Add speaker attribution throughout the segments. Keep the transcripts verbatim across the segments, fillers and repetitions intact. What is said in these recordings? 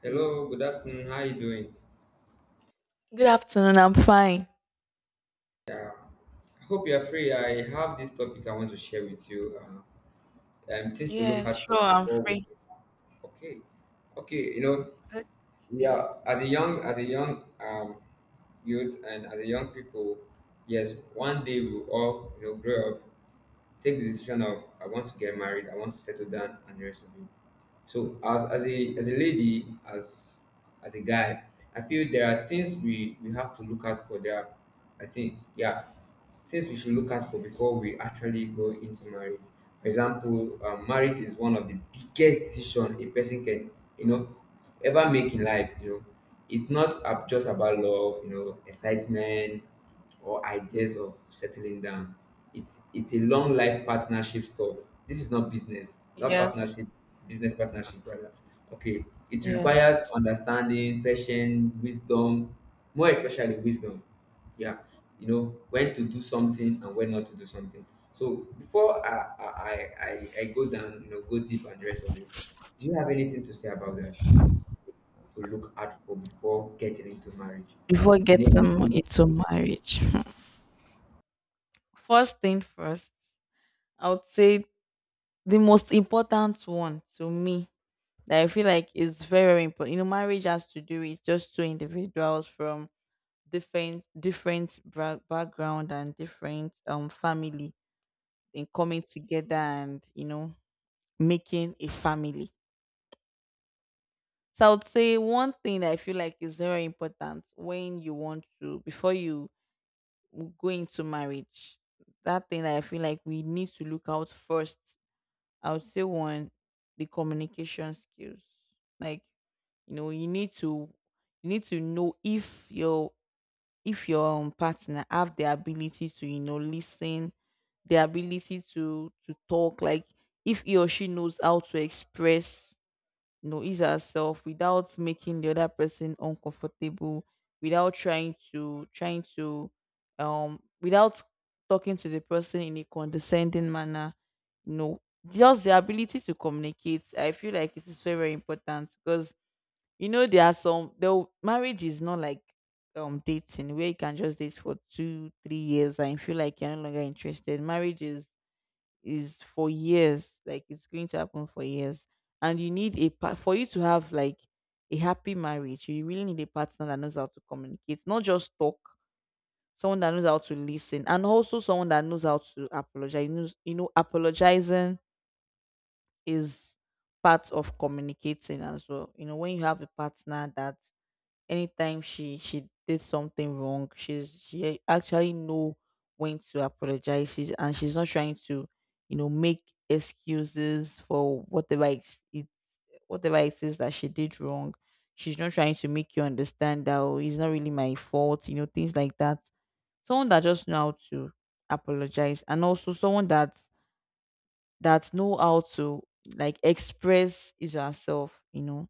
Speaker 1: Hello, good afternoon. How are you doing?
Speaker 2: Good afternoon. I'm fine.
Speaker 1: I hope you are free. I have this topic I want to share with you. Uh, um, things to look
Speaker 2: Yes,
Speaker 1: out
Speaker 2: sure.
Speaker 1: for
Speaker 2: I'm
Speaker 1: before we.
Speaker 2: free.
Speaker 1: Okay, okay. You know, we
Speaker 2: Okay.
Speaker 1: are as a young, as a young um, youth, and as a young people. Yes, one day we will all you know grow up, take the decision of I want to get married, I want to settle down, and the rest of it. So as as a as a lady, as as a guy, I feel there are things we we have to look out for. There, are, I think, yeah. Things we should look at for before we actually go into marriage. For example, um, marriage is one of the biggest decision a person can, you know, ever make in life. You know, it's not ab- just about love, you know, excitement or ideas of settling down. It's it's a long life partnership stuff. This is not business, not
Speaker 2: Yes,
Speaker 1: partnership, business partnership rather. Okay, it
Speaker 2: yes.
Speaker 1: requires understanding, patience, wisdom, more especially wisdom, yeah, you know when to do something and when not to do something. So before i i i, I I go down, you know go deep, and the rest of it, do you have anything to say about that, to look out for before getting into marriage?
Speaker 2: Before
Speaker 1: The name.
Speaker 2: getting into marriage, first thing first, I would say the most important one to me that I feel like is very, very important. You know, marriage has to do with just two individuals from different, different bra- background and different um family, and coming together and you know making a family. So I would say one thing that I feel like is very important when you want to before you w- go into marriage. That thing that I feel like we need to look out first. I would say one, the communication skills. Like, you know, you need to you need to know if your if your um, partner have the ability to, you know, listen, the ability to to talk, like if he or she knows how to express you know, ease herself without making the other person uncomfortable, without trying to trying to um without talking to the person in a condescending manner. You know, just the ability to communicate. I feel like it is very, very important because you know there are some the marriage is not like um dating where you can just date for two, three years and you feel like you're no longer interested. Marriage is is for years, like it's going to happen for years, and you need a part for you to have like a happy marriage. You really need a partner that knows how to communicate, not just talk. Someone that knows how to listen, and also someone that knows how to apologize. You know, you know apologizing is part of communicating as well. You know, when you have a partner that anytime she she did something wrong, she's she actually know when to apologize, she's, and she's not trying to, you know, make excuses for whatever it's, it whatever it is that she did wrong. She's not trying to make you understand that, oh, it's not really my fault, you know, things like that. Someone that just know how to apologize, and also someone that that know how to like express his or herself, you know,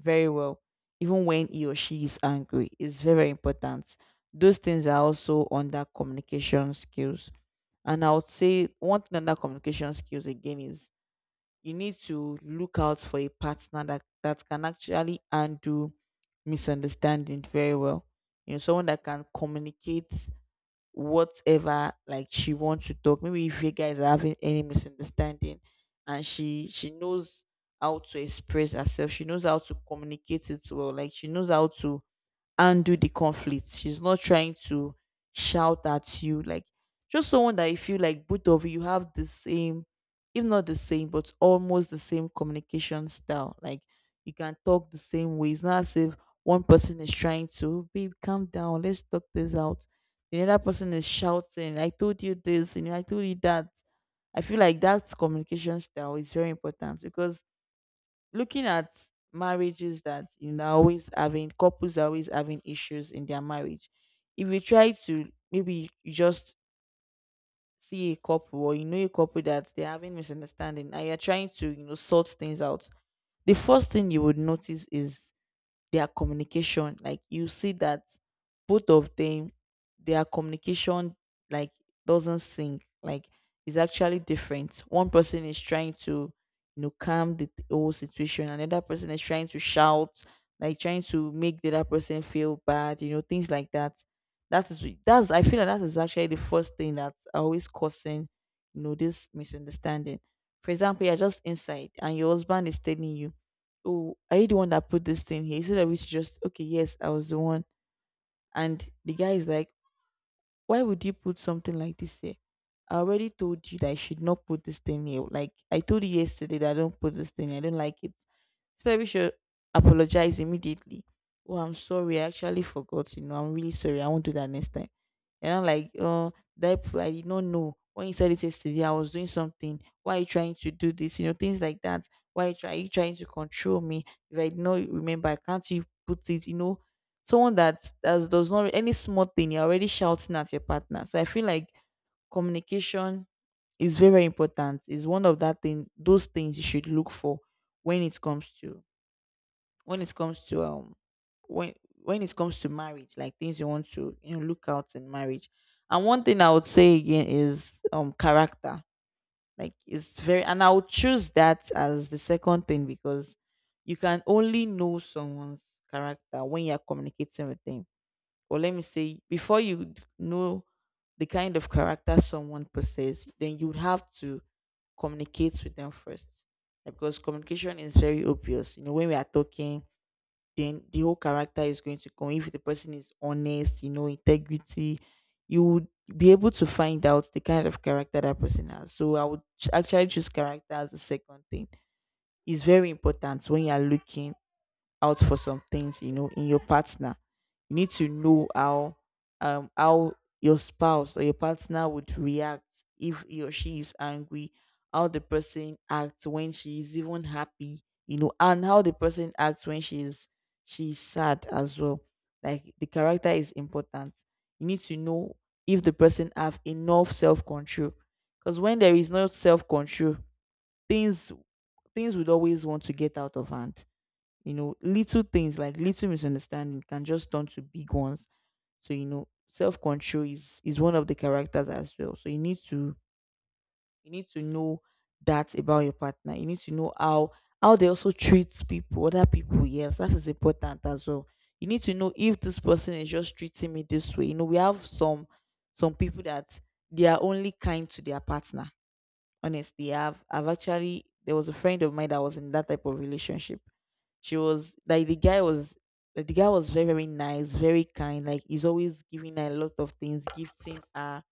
Speaker 2: very well, even when he or she is angry. It's very, very important. Those things are also under communication skills. And I would say one thing under communication skills again is you need to look out for a partner that, that can actually undo misunderstanding very well. You know, someone that can communicate whatever, like she wants to talk. Maybe if you guys are having any misunderstanding and she she knows how to express herself, she knows how to communicate it well, like she knows how to undo the conflict. She's not trying to shout at you. Like, just someone that you feel like both of you have the same, if not the same, but almost the same communication style. Like, you can talk the same way. It's not as if one person is trying to, babe, calm down, let's talk this out, the other person is shouting, I told you this and I told you that. I feel like that communication style is very important, because looking at marriages that you know are always having couples are always having issues in their marriage, if you try to, maybe you just see a couple, or you know a couple that they're having misunderstanding, and you're trying to, you know, sort things out, the first thing you would notice is their communication. Like, you see that both of them, their communication, like, doesn't sync. Like, it's actually different. One person is trying to, you know, calm the whole situation, another person is trying to shout, like trying to make the other person feel bad, you know, things like that. That is that's i feel like that is actually the first thing that's always causing, you know, this misunderstanding. For example, you're just inside and your husband is telling you, oh, are you the one that put this thing here? Instead of which just, okay, yes, I was the one. And the guy is like, why would you put something like this here? I already told you that I should not put this thing here. Like, I told you yesterday that I don't put this thing, I don't like it. So we should apologize immediately. Oh, I'm sorry, I actually forgot. You know, I'm really sorry, I won't do that next time. And I'm like, oh, that p- I did not know when you said it yesterday, I was doing something. Why are you trying to do this? You know, things like that. Why are you, try, are you trying to control me? If I did not remember, can't you put it? You know, someone that does, does not, any small thing you're already shouting at your partner. So I feel like communication is very, very important, is one of that thing those things you should look for when it comes to when it comes to um when when it comes to marriage, like things you want to, you know, look out in marriage. And one thing I would say again is um character. Like, it's very, and I would choose that as the second thing, because you can only know someone's character when you're communicating with them. Or let me say before you know the kind of character someone possesses, then you would have to communicate with them first. Like, because communication is very obvious. You know, when we are talking, then the whole character is going to come. If the person is honest, you know, integrity, you would be able to find out the kind of character that person has. So I would ch- actually choose character as the second thing. It's very important when you are looking out for some things, you know, in your partner. You need to know how um how your spouse or your partner would react if he or she is angry, how the person acts when she is even happy, you know, and how the person acts when she is she is sad as well. Like, the character is important. You need to know if the person have enough self control. Because when there is no self control, things, things would always want to get out of hand. You know, little things, like little misunderstanding can just turn to big ones. So, you know, self control is is one of the characters as well. So you need to you need to know that about your partner. You need to know how how they also treat people, other people. Yes, that is important as well. You need to know if this person is just treating me this way. You know, we have some some people that they are only kind to their partner. Honestly, I've I've actually there was a friend of mine that was in that type of relationship. She was like, the guy was like, the guy was very, very nice, very kind. Like, he's always giving her a lot of things, gifting her.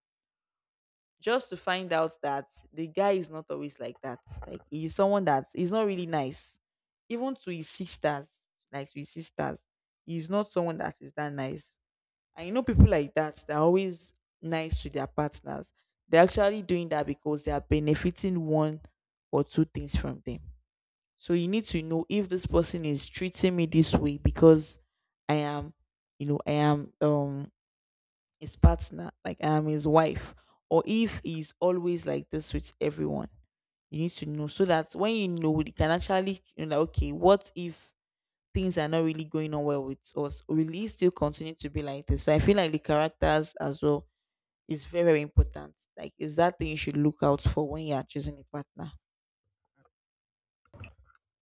Speaker 2: Just to find out that the guy is not always like that. Like, he's someone that is not really nice, even to his sisters. Like, to his sisters, he's not someone that is that nice. And you know people like that, they're always nice to their partners. They're actually doing that because they are benefiting one or two things from them. So you need to know if this person is treating me this way because I am, you know, I am um his partner, like I am his wife, or if he's always like this with everyone. You need to know, so that when you know, you can actually, you know, like, okay, what if things are not really going on well with us? Will he still continue to be like this? So I feel like the characters as well is very, very important. Like, is that thing you should look out for when you are choosing a partner.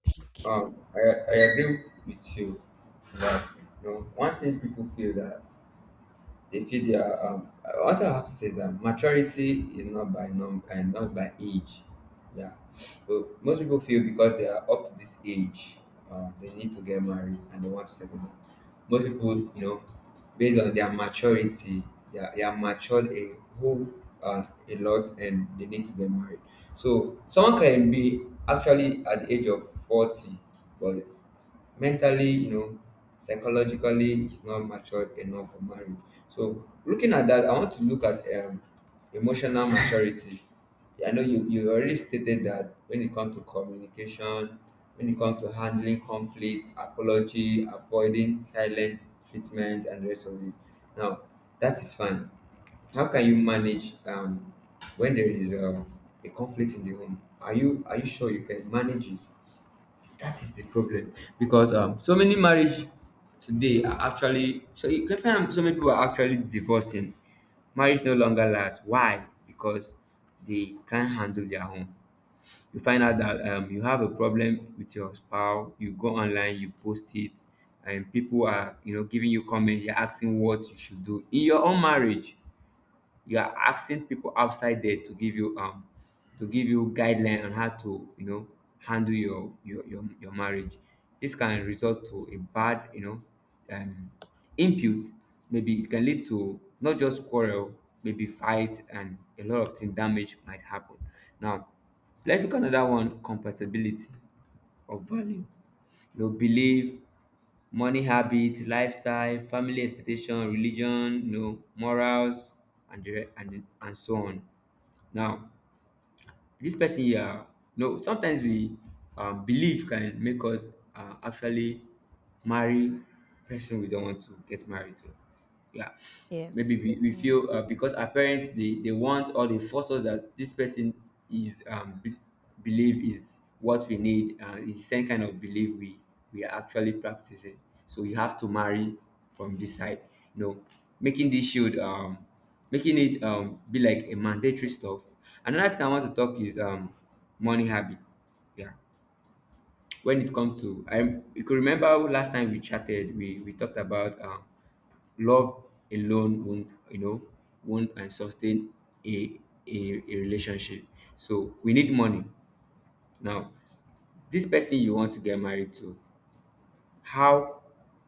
Speaker 2: Thank you.
Speaker 1: Um, I, I agree with you that. You know, one thing people feel that they feel they are. Um, what I have to say is that maturity is not by num and not by age. Yeah, but most people feel because they are up to this age, uh, they need to get married and they want to settle down. Most people, you know based on their maturity, they are, they are matured a whole, uh, a lot, and they need to get married. So someone can be actually at the age of forty, but mentally, you know psychologically, he's not matured enough for marriage. So looking at that, I want to look at, um, emotional maturity. I know you you already stated that when it comes to communication, when it comes to handling conflict, apology, avoiding silent treatment, and the rest of it. Now, that is fine. How can you manage, um, when there is a, a conflict in the home? Are you are you sure you can manage it? That is the problem, because um, so many marriage today are actually, so you can find so many people are actually divorcing. Marriage no longer lasts. Why? Because they can't handle their home. You find out that, um, you have a problem with your spouse. You go online, you post it, and people are you know giving you comments. You're asking what you should do in your own marriage. You are asking people outside there to give you um to give you guideline on how to, you know handle your your your, your marriage. This can result to a bad, you know um input. Maybe it can lead to not just quarrel, maybe fight, and a lot of thing damage might happen. Now, let's look at another one, compatibility of value, your belief, money habits, lifestyle, family expectation, religion, you know, morals, and the, re- and the, and so on. Now, this person here, no, sometimes we, um, believe can make us, uh, actually marry person we don't want to get married to, yeah.
Speaker 2: Yes.
Speaker 1: Maybe we, we
Speaker 2: Yes.
Speaker 1: feel, uh, because our parents they, they want or they force us that this person is, um be, believe is what we need, uh, is the same kind of belief we we are actually practicing, so we have to marry from this side, you know making this shield, um making it, um be like a mandatory stuff. Another thing I want to talk is um money habit. Yeah, when it comes to, I, you could remember last time we chatted, we we talked about um love alone won't, you know won't and sustain a, a a relationship. So we need money now. This person you want to get married to, how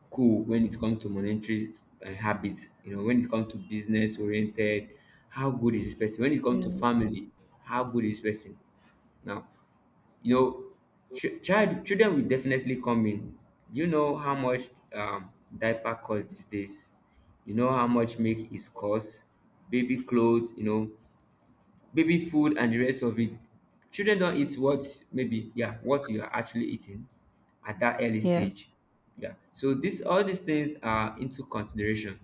Speaker 1: cool when it comes to monetary, uh, habits, you know, when it comes to business oriented, how good is this person? When it comes to
Speaker 2: Yes.
Speaker 1: family, how good is this person? Now, you know, ch- child children will definitely come in. You know how much, um, diaper costs these days. You know how much milk is cost, baby clothes, you know, baby food, and the rest of it. Children don't eat what maybe, yeah, what you are actually eating at that early
Speaker 2: Yes.
Speaker 1: stage, yeah. So this all these things are into consideration.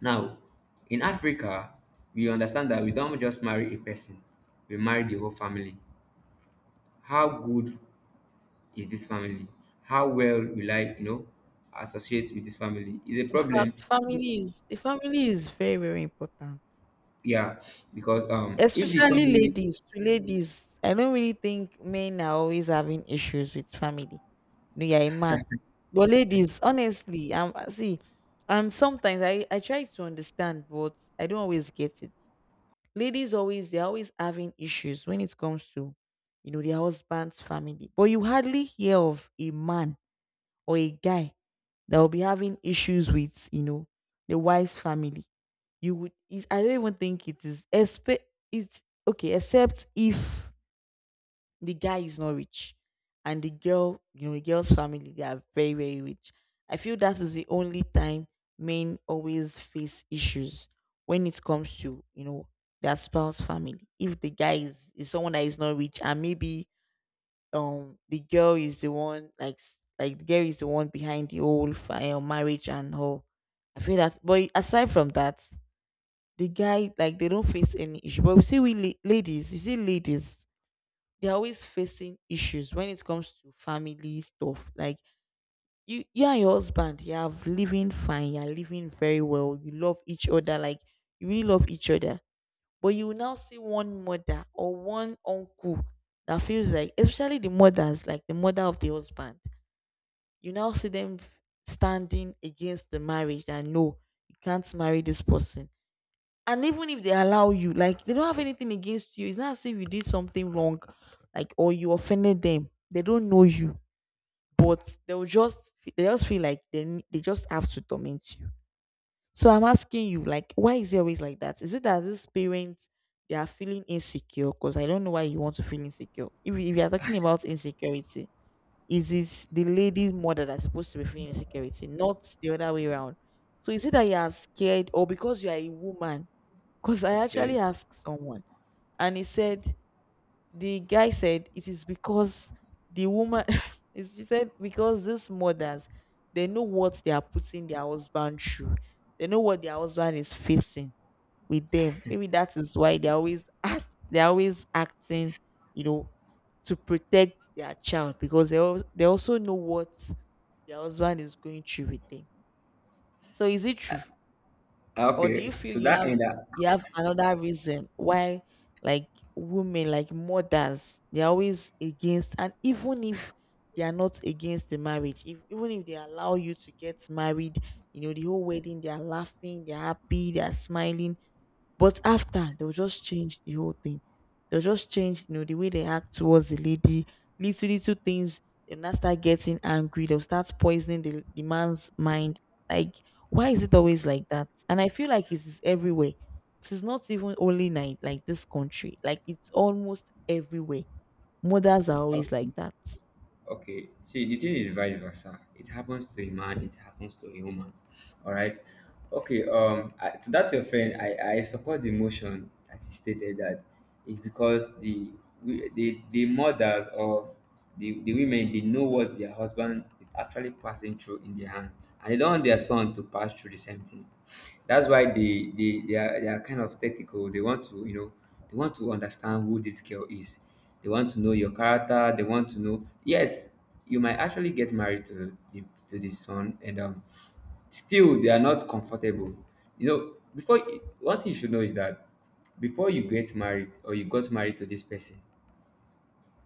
Speaker 1: Now, in Africa, we understand that we don't just marry a person, we marry the whole family. How good is this family? How well will I, you know associate with this family is a problem.
Speaker 2: Fact, family is the family is very, very important,
Speaker 1: Yeah, because um if the
Speaker 2: especially
Speaker 1: family,
Speaker 2: ladies. To ladies, I don't really think men are always having issues with family. No, you're a man, but ladies, honestly, um, see, and sometimes I I try to understand, but I don't always get it. Ladies, always they're always having issues when it comes to, you know, their husband's family. But you hardly hear of a man or a guy that will be having issues with, you know, the wife's family. You would, is I don't even think it is, expe- it's okay, except if the guy is not rich and the girl, you know, the girl's family, they are very, very rich. I feel that is the only time men always face issues when it comes to, you know, their spouse family. If the guy is, is someone that is not rich and maybe um the girl is the one like s- like the girl is the one behind the whole fire marriage and all. I feel that, but aside from that, the guy, like, they don't face any issue. But we see we la- ladies, you see ladies, they're always facing issues when it comes to family stuff. Like you, you and your husband, you have living fine, you're living very well. You love each other, like you really love each other. But you will now see one mother or one uncle that feels like, especially the mothers, like the mother of the husband, you now see them f- standing against the marriage and no, you can't marry this person. And even if they allow you, like they don't have anything against you. It's not as if you did something wrong, like or you offended them. They don't know you, but they'll just they just feel like they they just have to torment you. So I'm asking you, like, why is it always like that? Is it that these parents they are feeling insecure? Because I don't know why you want to feel insecure. If, we- if you are talking about insecurity, is it the lady's mother that's supposed to be feeling insecurity, not the other way around? So is it that you are scared or because you are a woman? Because I
Speaker 1: okay,
Speaker 2: actually asked someone and he said the guy said it is because the woman he said because these mothers they know what they are putting their husband through. They know what their husband is facing with them. Maybe that is why they always act they are always acting, you know, to protect their child because they al- they also know what their husband is going through with them. So is it true? Or do you
Speaker 1: okay,
Speaker 2: feel
Speaker 1: to
Speaker 2: you
Speaker 1: that
Speaker 2: have
Speaker 1: end,
Speaker 2: you have another reason why, like, women, like mothers, they're always against, and even if they are not against the marriage, if even if they allow you to get married, you know, the whole wedding, they are laughing, they're happy, they are smiling, but after they'll just change the whole thing. They'll just change, you know, the way they act towards the lady, little little things, they'll now start getting angry, they'll start poisoning the, the man's mind. Like, why is it always like that? And I feel like it is everywhere. It is not even only night like this country. Like it's almost everywhere. Mothers are
Speaker 1: uh,
Speaker 2: always like that.
Speaker 1: okay, see, the thing is vice versa. It happens to a man, it happens to a woman. All right. Okay. Um, I, to that your friend, I I support the motion that he stated that it's because, the we- the the mothers, or the, the women, they know what their husband is actually passing through in their hand, and they don't want their son to pass through the same thing. That's why they they they are, they are kind of tactical. They want to, you know they want to understand who this girl is. They want to know your character. They want to know. Yes, you might actually get married to the to the son, and um, still they are not comfortable. You know, before, one thing you should know is that before you get married, or you got married to this person,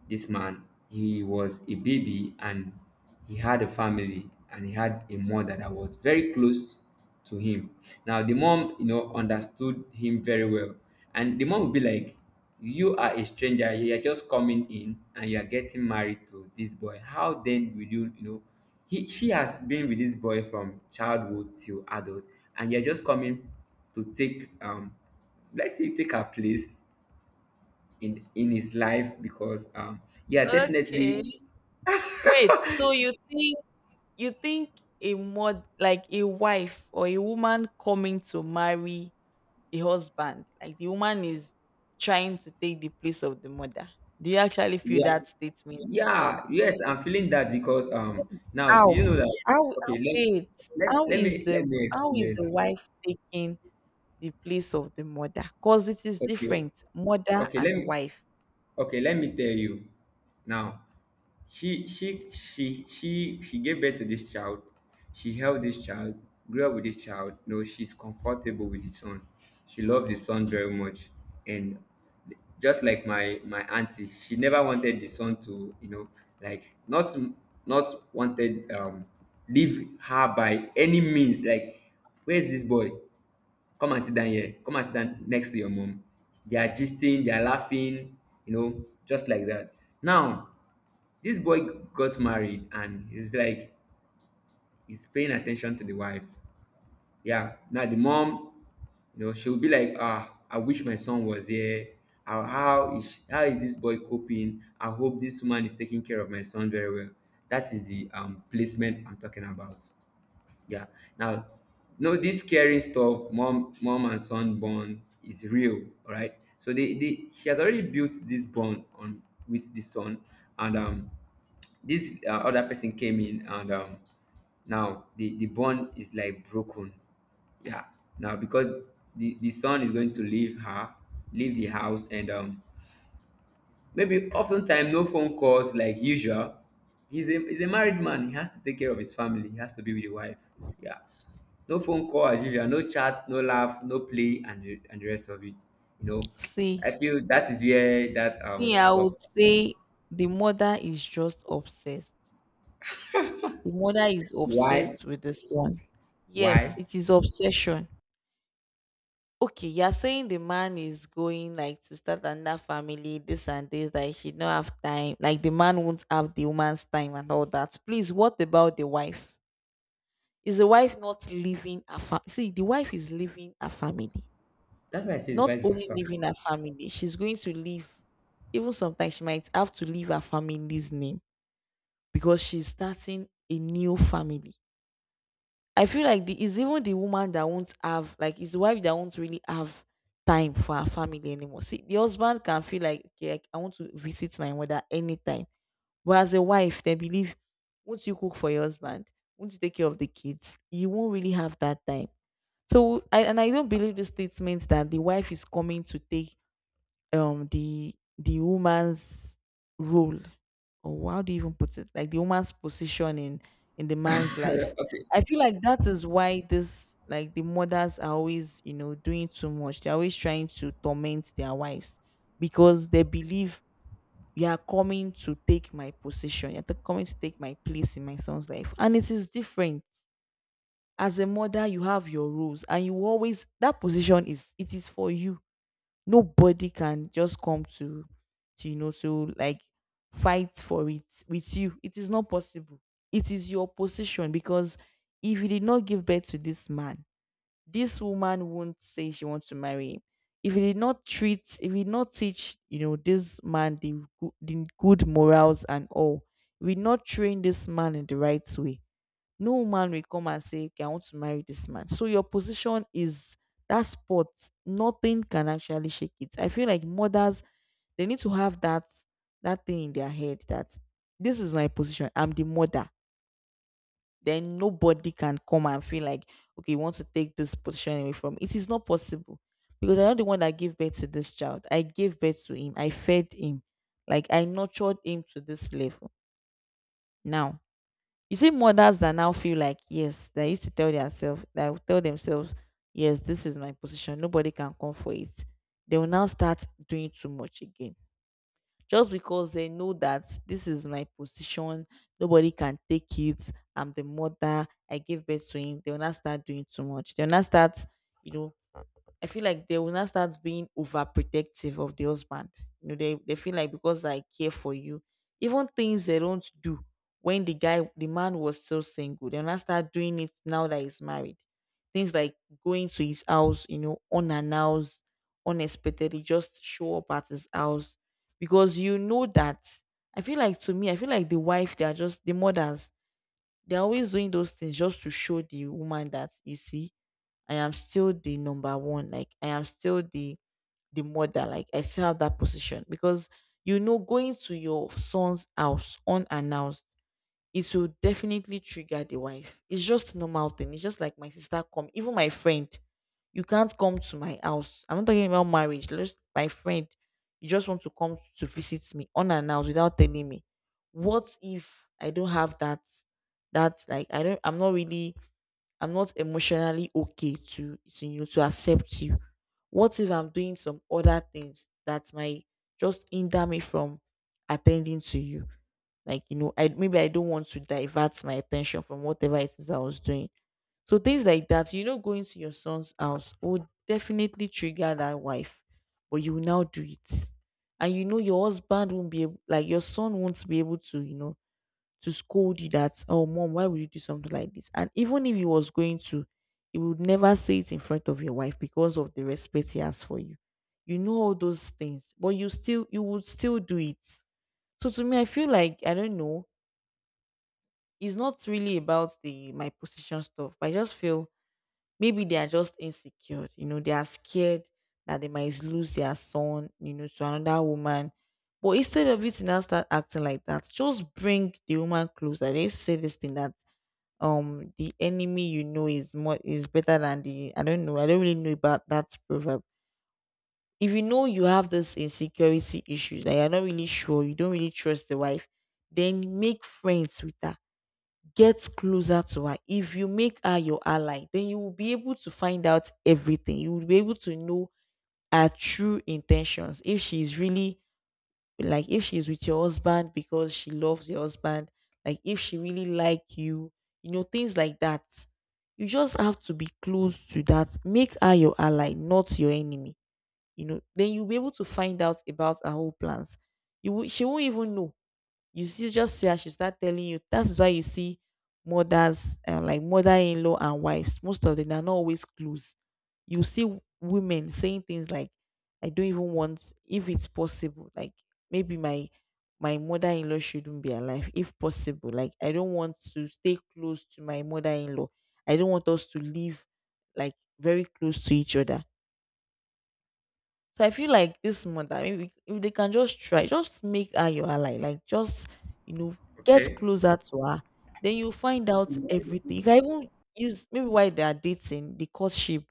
Speaker 1: this man, he was a baby, and he had a family, and he had a mother that was very close to him. Now the mom, you know, understood him very well. And the mom would be like, you are a stranger, you are just coming in and you are getting married to this boy. How then will you, you know, he, she has been with this boy from childhood till adult, and you're just coming to take, um let's say take her place in in his life, because um yeah, definitely.
Speaker 2: Okay. Wait, so you think you think a mod like a wife or a woman coming to marry a husband. Like the woman is trying to take the place of the mother. Do you actually feel
Speaker 1: yeah
Speaker 2: that statement is right?
Speaker 1: yeah yes, I'm feeling that, because um
Speaker 2: Please,
Speaker 1: now, do
Speaker 2: how?
Speaker 1: you know that?
Speaker 2: How?
Speaker 1: Okay,
Speaker 2: how-
Speaker 1: let
Speaker 2: Wait.
Speaker 1: let,
Speaker 2: How
Speaker 1: let
Speaker 2: is
Speaker 1: me
Speaker 2: the
Speaker 1: let me
Speaker 2: how is
Speaker 1: explain
Speaker 2: the
Speaker 1: now.
Speaker 2: wife taking the place of the mother? Cause it is
Speaker 1: Okay,
Speaker 2: different, mother
Speaker 1: okay, let
Speaker 2: and
Speaker 1: me
Speaker 2: wife.
Speaker 1: okay, let me tell you now. She she she she she gave birth to this child. She held this child, grew up with this child. No, she's comfortable with the son. She loves the son very much, and just like my my auntie, she never wanted the son to, you know like, not not wanted, um leave her by any means. Like, where's this boy? Come and sit down here. Come and sit down next to your mom. They are gisting, they are laughing, you know, just like that. Now this boy got married, and he's like he's paying attention to the wife. Yeah. Now the mom, you know, she'll be like, ah, I wish my son was here. How how is how is this boy coping? I hope this woman is taking care of my son very well. That is the um placement I'm talking about. Yeah. Now, no, this caring stuff, mom, mom and son bond is real, all right? So, they, they she has already built this bond on with the son, and um, this, uh, other person came in, and um, now the the bond is like broken. Yeah. Now, because the the son is going to leave her, leave the house, and um, maybe oftentimes no phone calls like usual. He's a he's a married man. He has to take care of his family. He has to be with the wife. Yeah. No phone call as usual, no chat, no laugh, no play, and the, and the rest of it. You know,
Speaker 2: See,
Speaker 1: I feel that is where that
Speaker 2: me,
Speaker 1: um
Speaker 2: I
Speaker 1: stuff.
Speaker 2: would say the mother is just obsessed. The mother is
Speaker 1: Why?
Speaker 2: obsessed with the son. Yes,
Speaker 1: Why?
Speaker 2: it is obsession. Okay, you're saying the man is going like to start another family, this and this, that he should not have time. Like the man won't have the woman's time and all that. Please, what about the wife? Is the wife not leaving her family? See, the wife is leaving her family.
Speaker 1: That's why I say it's
Speaker 2: Not
Speaker 1: vice
Speaker 2: only
Speaker 1: versa.
Speaker 2: leaving her family, she's going to leave. Even sometimes she might have to leave her family's name because she's starting a new family. I feel like the it's even the woman that won't have, like his wife that won't really have time for her family anymore. See, the husband can feel like, okay, like, I want to visit my mother anytime. But as a wife, they believe once you cook for your husband, once you take care of the kids, you won't really have that time. So I and I don't believe the statement that the wife is coming to take um the the woman's role, or how do you even put it, like the woman's position in in the man's life.
Speaker 1: okay,
Speaker 2: I feel like that is why this like the mothers are always, you know, doing too much. They're always trying to torment their wives because they believe you are coming to take my position. You're t- coming to take my place in my son's life. And it is different. As a mother, you have your rules, and you always that position is it is for you. Nobody can just come to, to, you know, to like fight for it with you. It is not possible. It is your position. Because if you did not give birth to this man, this woman won't say she wants to marry him. If you did not treat if you did not teach, you know, this man the, go- the good morals and all, we not train this man in the right way, no man will come and say, okay, I want to marry this man. So your position is that spot. Nothing can actually shake it. I feel like mothers, they need to have that that thing in their head that this is my position. I'm the mother. Then nobody can come and feel like, okay, you want to take this position away from me. It is not possible. Because I'm not the one that gave birth to this child. I gave birth to him. I fed him. Like I nurtured him to this level. Now you see mothers that now feel like, yes, they used to tell themselves they will tell themselves, yes, this is my position. Nobody can come for it. They will now start doing too much again. Just because they know that this is my position, nobody can take it. I'm the mother. I gave birth to him. They will not start doing too much. They will not start, you know, I feel like they will not start being overprotective of the husband. You know, they, they feel like because I care for you, even things they don't do when the guy, the man was still single, they'll not start doing it now that he's married. Things like going to his house, you know, unannounced, unexpectedly, just show up at his house because you know that. I feel like, to me, I feel like the wife, they are just the mothers, they're always doing those things just to show the woman that, you see, I am still the number one. Like I am still the the mother. Like I still have that position. Because, you know, going to your son's house unannounced, it will definitely trigger the wife. It's just normal thing. It's just like my sister come, even my friend. You can't come to my house. I'm not talking about marriage. Just my friend. You just want to come to visit me unannounced without telling me. What if I don't have that? That like I don't. I'm not really I'm not emotionally okay to to you know, to accept you? What if I'm doing some other things that might just hinder me from attending to you? Like, you know, I maybe I don't want to divert my attention from whatever it is I was doing. So things like that, you know, going to your son's house would definitely trigger that wife, but you will now do it, and you know your husband won't be able, like your son won't be able to, you know, to scold you that, oh, mom, why would you do something like this? And even if he was going to, he would never say it in front of your wife because of the respect he has for you. You know all those things, but you still, you would still do it. So, to me, I feel like, I don't know, it's not really about the my position stuff, but I just feel maybe they are just insecure. You know, they are scared that they might lose their son, you know, to another woman. But instead of you to now start acting like that, just bring the woman closer. They used to say this thing that um the enemy, you know, is more is better than the I don't know. I don't really know about that proverb. If you know you have this insecurity issues that you're not really sure, you don't really trust the wife, then make friends with her. Get closer to her. If you make her your ally, then you will be able to find out everything. You will be able to know her true intentions. If she is really like if she's with your husband because she loves your husband, like if she really like you you know, things like that, you just have to be close to that, make her your ally, not your enemy. You know, then you'll be able to find out about her whole plans. You will, she won't even know. You see, just see as she start telling you. That is why you see mothers, uh, like mother-in-law and wives. Most of them they are not always close. You see w- women saying things like, "I don't even want, if it's possible, like maybe my my mother-in-law shouldn't be alive, if possible. Like I don't want to stay close to my mother-in-law. I don't want us to live like very close to each other." So I feel like this mother, maybe if they can just try, just make her your ally, like just you know, get
Speaker 1: okay.
Speaker 2: closer to her. Then you find out everything. You can even use maybe while they are dating, the courtship,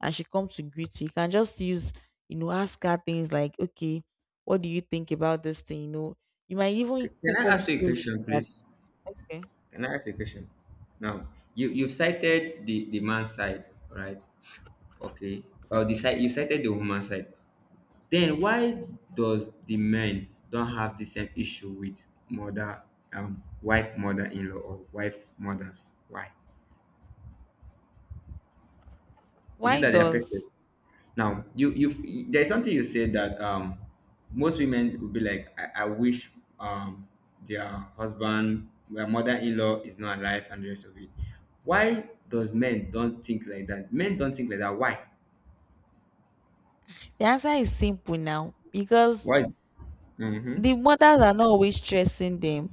Speaker 2: and she comes to greet you. You can just use, you know, ask her things like, okay, what do you think about this thing? You know, you might
Speaker 1: C-
Speaker 2: even
Speaker 1: Can
Speaker 2: cook
Speaker 1: I
Speaker 2: up
Speaker 1: ask you a
Speaker 2: stories
Speaker 1: question,
Speaker 2: that
Speaker 1: please?
Speaker 2: okay,
Speaker 1: Can I ask you a question? Now, you you've cited the the man side, right? Okay. Or the side you cited the woman side. Then why does the men don't have the same issue with mother, um, wife, mother-in-law, or wife mothers? Why? Is it
Speaker 2: why
Speaker 1: that they are perfect?
Speaker 2: does
Speaker 1: Now, you you there's something you said that, um most women would be like, I, I wish, um their husband, their mother-in-law is not alive and the rest of it. Why does men don't think like that? Men don't think like that. Why?
Speaker 2: the answer is simple now because
Speaker 1: Why? Mm-hmm.
Speaker 2: the mothers are not always stressing them,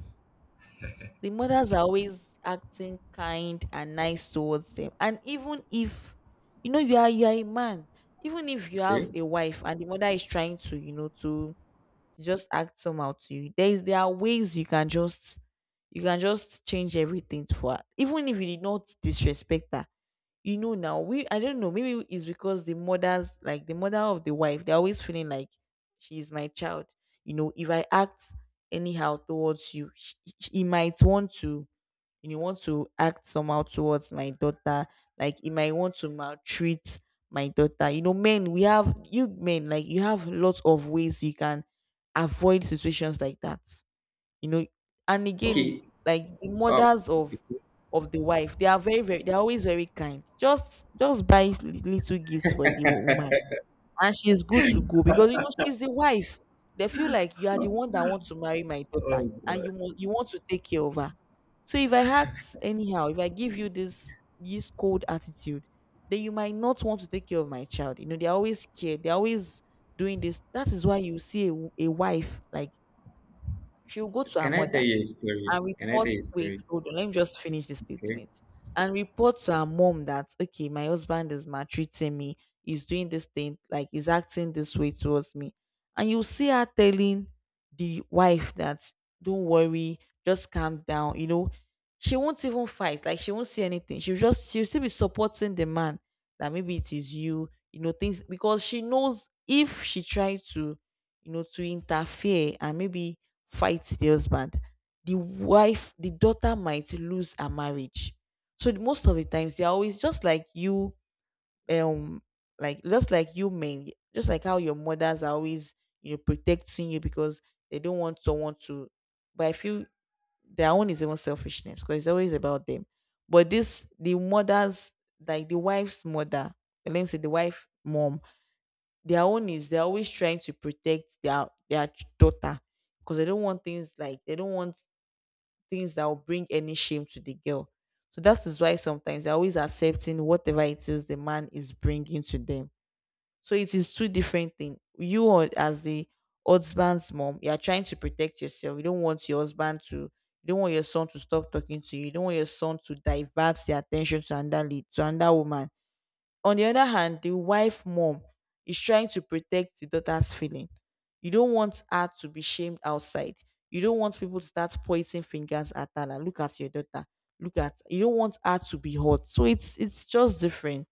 Speaker 2: the mothers are always acting kind and nice towards them. And even if you know you are you are a man, even if you
Speaker 1: Okay.
Speaker 2: have a wife and the mother is trying to, you know, to just act somehow to you, there is there are ways you can just you can just change everything for her. Even if you did not disrespect her. You know now, we I don't know, maybe it's because the mothers like the mother of the wife, they're always feeling like she is my child. You know, if I act anyhow towards you, sh- sh- he might want to you know, want to act somehow towards my daughter. Like he might want to maltreat my daughter. You know, men, we have you men, like you have lots of ways you can avoid situations like that. You know, and again,
Speaker 1: Okay.
Speaker 2: like the
Speaker 1: Oh,
Speaker 2: mothers of
Speaker 1: okay.
Speaker 2: of the wife, they are very, very they're always very kind. Just just buy little gifts for the wo- woman. And she's good to go because you know she's the wife. They feel like you are the one that wants to marry my daughter and
Speaker 1: Oh,
Speaker 2: you mo- you want to take care of her. So if I act anyhow, if I give you this this cold attitude, then you might not want to take care of my child. You know, they're always scared. They're always doing this. That is why you see a, w- a wife like she'll go to her
Speaker 1: can I tell
Speaker 2: mother
Speaker 1: you a story?
Speaker 2: and
Speaker 1: Can I
Speaker 2: report
Speaker 1: tell you a story?
Speaker 2: wait, hold on, let me just finish the
Speaker 1: Okay.
Speaker 2: statement. And report to her mom that okay, my husband is maltreating me, he's doing this thing, like he's acting this way towards me. And you see her telling the wife that don't worry, just calm down, you know. She won't even fight, like she won't see anything. She'll just she'll still be supporting the man that maybe it is you, you know, things because she knows if she try to, you know, to interfere and maybe fight the husband, the wife, the daughter might lose her marriage. So the- most of the times they're always just like you, um, like just like you men, just like how your mothers are always, you know, protecting you because they don't want someone to but I feel their own is even selfishness because it's always about them. But this the mothers, like the wife's mother, let me say the wife mom, their own is they're always trying to protect their their ch- daughter because they don't want things like they don't want things that will bring any shame to the girl. So that is why sometimes they're always accepting whatever it is the man is bringing to them. So it is two different things. You are- as the husband's mom, you are trying to protect yourself. You don't want your husband to, you don't want your son to stop talking to you. You don't want your son to divert the attention to another lead, to another woman. On the other hand, the wife mom is trying to protect the daughter's feeling. You don't want her to be shamed outside. You don't want people to start pointing fingers at her. Like, look at your daughter. Look at you don't want her to be hurt. So it's it's just different.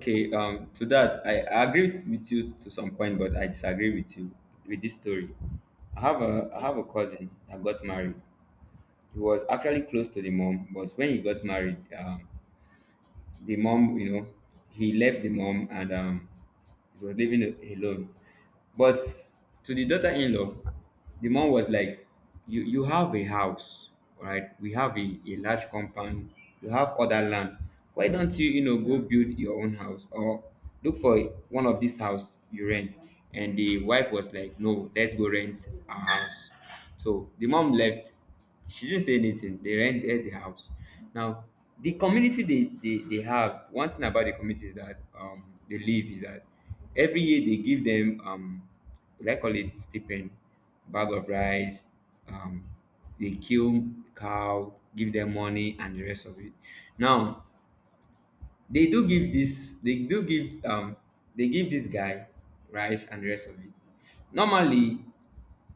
Speaker 1: Okay. Um. To that, I I agree with you to some point, but I disagree with you with this story. I have a I
Speaker 2: Okay.
Speaker 1: have a cousin that got married. He was actually close to the mom, but when he got married, um, the mom, you know, he left the mom, and um, he was living a- alone. But to the daughter-in-law, the mom was like, "You you have a house, right? We have a, a large compound. You have other land. Why don't you, you know go build your own house, or look for one of these house you rent?" And the wife was like, "No, let's go rent a house." So the mom left, she didn't say anything. They rented the house. Now, the community, they, they, they have, one thing about the community is that, um, they live is that every year they give them, um, like call it stipend, bag of rice, um, they kill cow, give them money, and the rest of it. Now, they do give this they do give um they give this guy rice and the rest of it. Normally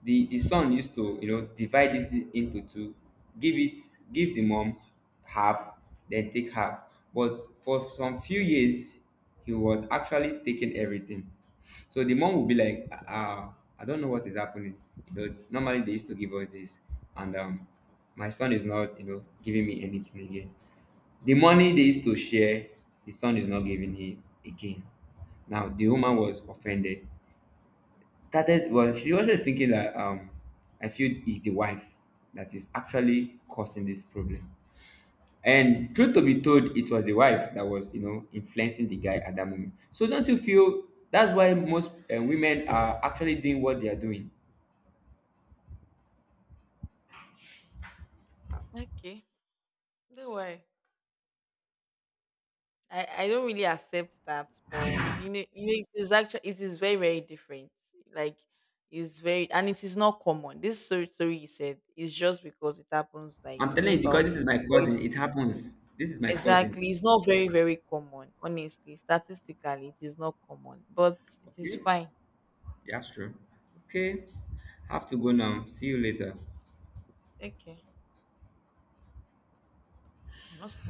Speaker 1: the the son used to, you know divide this thing into two, give it, give the mom half, then take half. But for some few years, he was actually taking everything. So the mom would be like, uh, I don't know what is happening. You know normally they used to give us this, and um my son is not, you know giving me anything again. The money they used to share, the son is not giving him again. Now the woman was offended. Started, was, she wasn't thinking that, um I feel it's the wife that is actually causing this problem. And
Speaker 2: Okay.
Speaker 1: truth to be told, it was the wife that was, you know, influencing the guy at that moment. So don't you feel that's why most, uh, women are actually doing what they are doing?
Speaker 2: Okay. Don't worry. I, I don't really accept that, but you know, you know, it is actually it is very very different. Like it's very and it is not common. This story story you said is just because it happens. Like
Speaker 1: I'm
Speaker 2: you know
Speaker 1: telling you,
Speaker 2: about
Speaker 1: because this is
Speaker 2: it,
Speaker 1: my
Speaker 2: but it-
Speaker 1: cousin. It happens. This is my cousin.
Speaker 2: exactly, it's not very very common. Honestly, statistically, it is not common, but it is
Speaker 1: Okay,
Speaker 2: fine.
Speaker 1: that's sure. Okay, have to go now. See you later.
Speaker 2: Okay, I'm not supposed.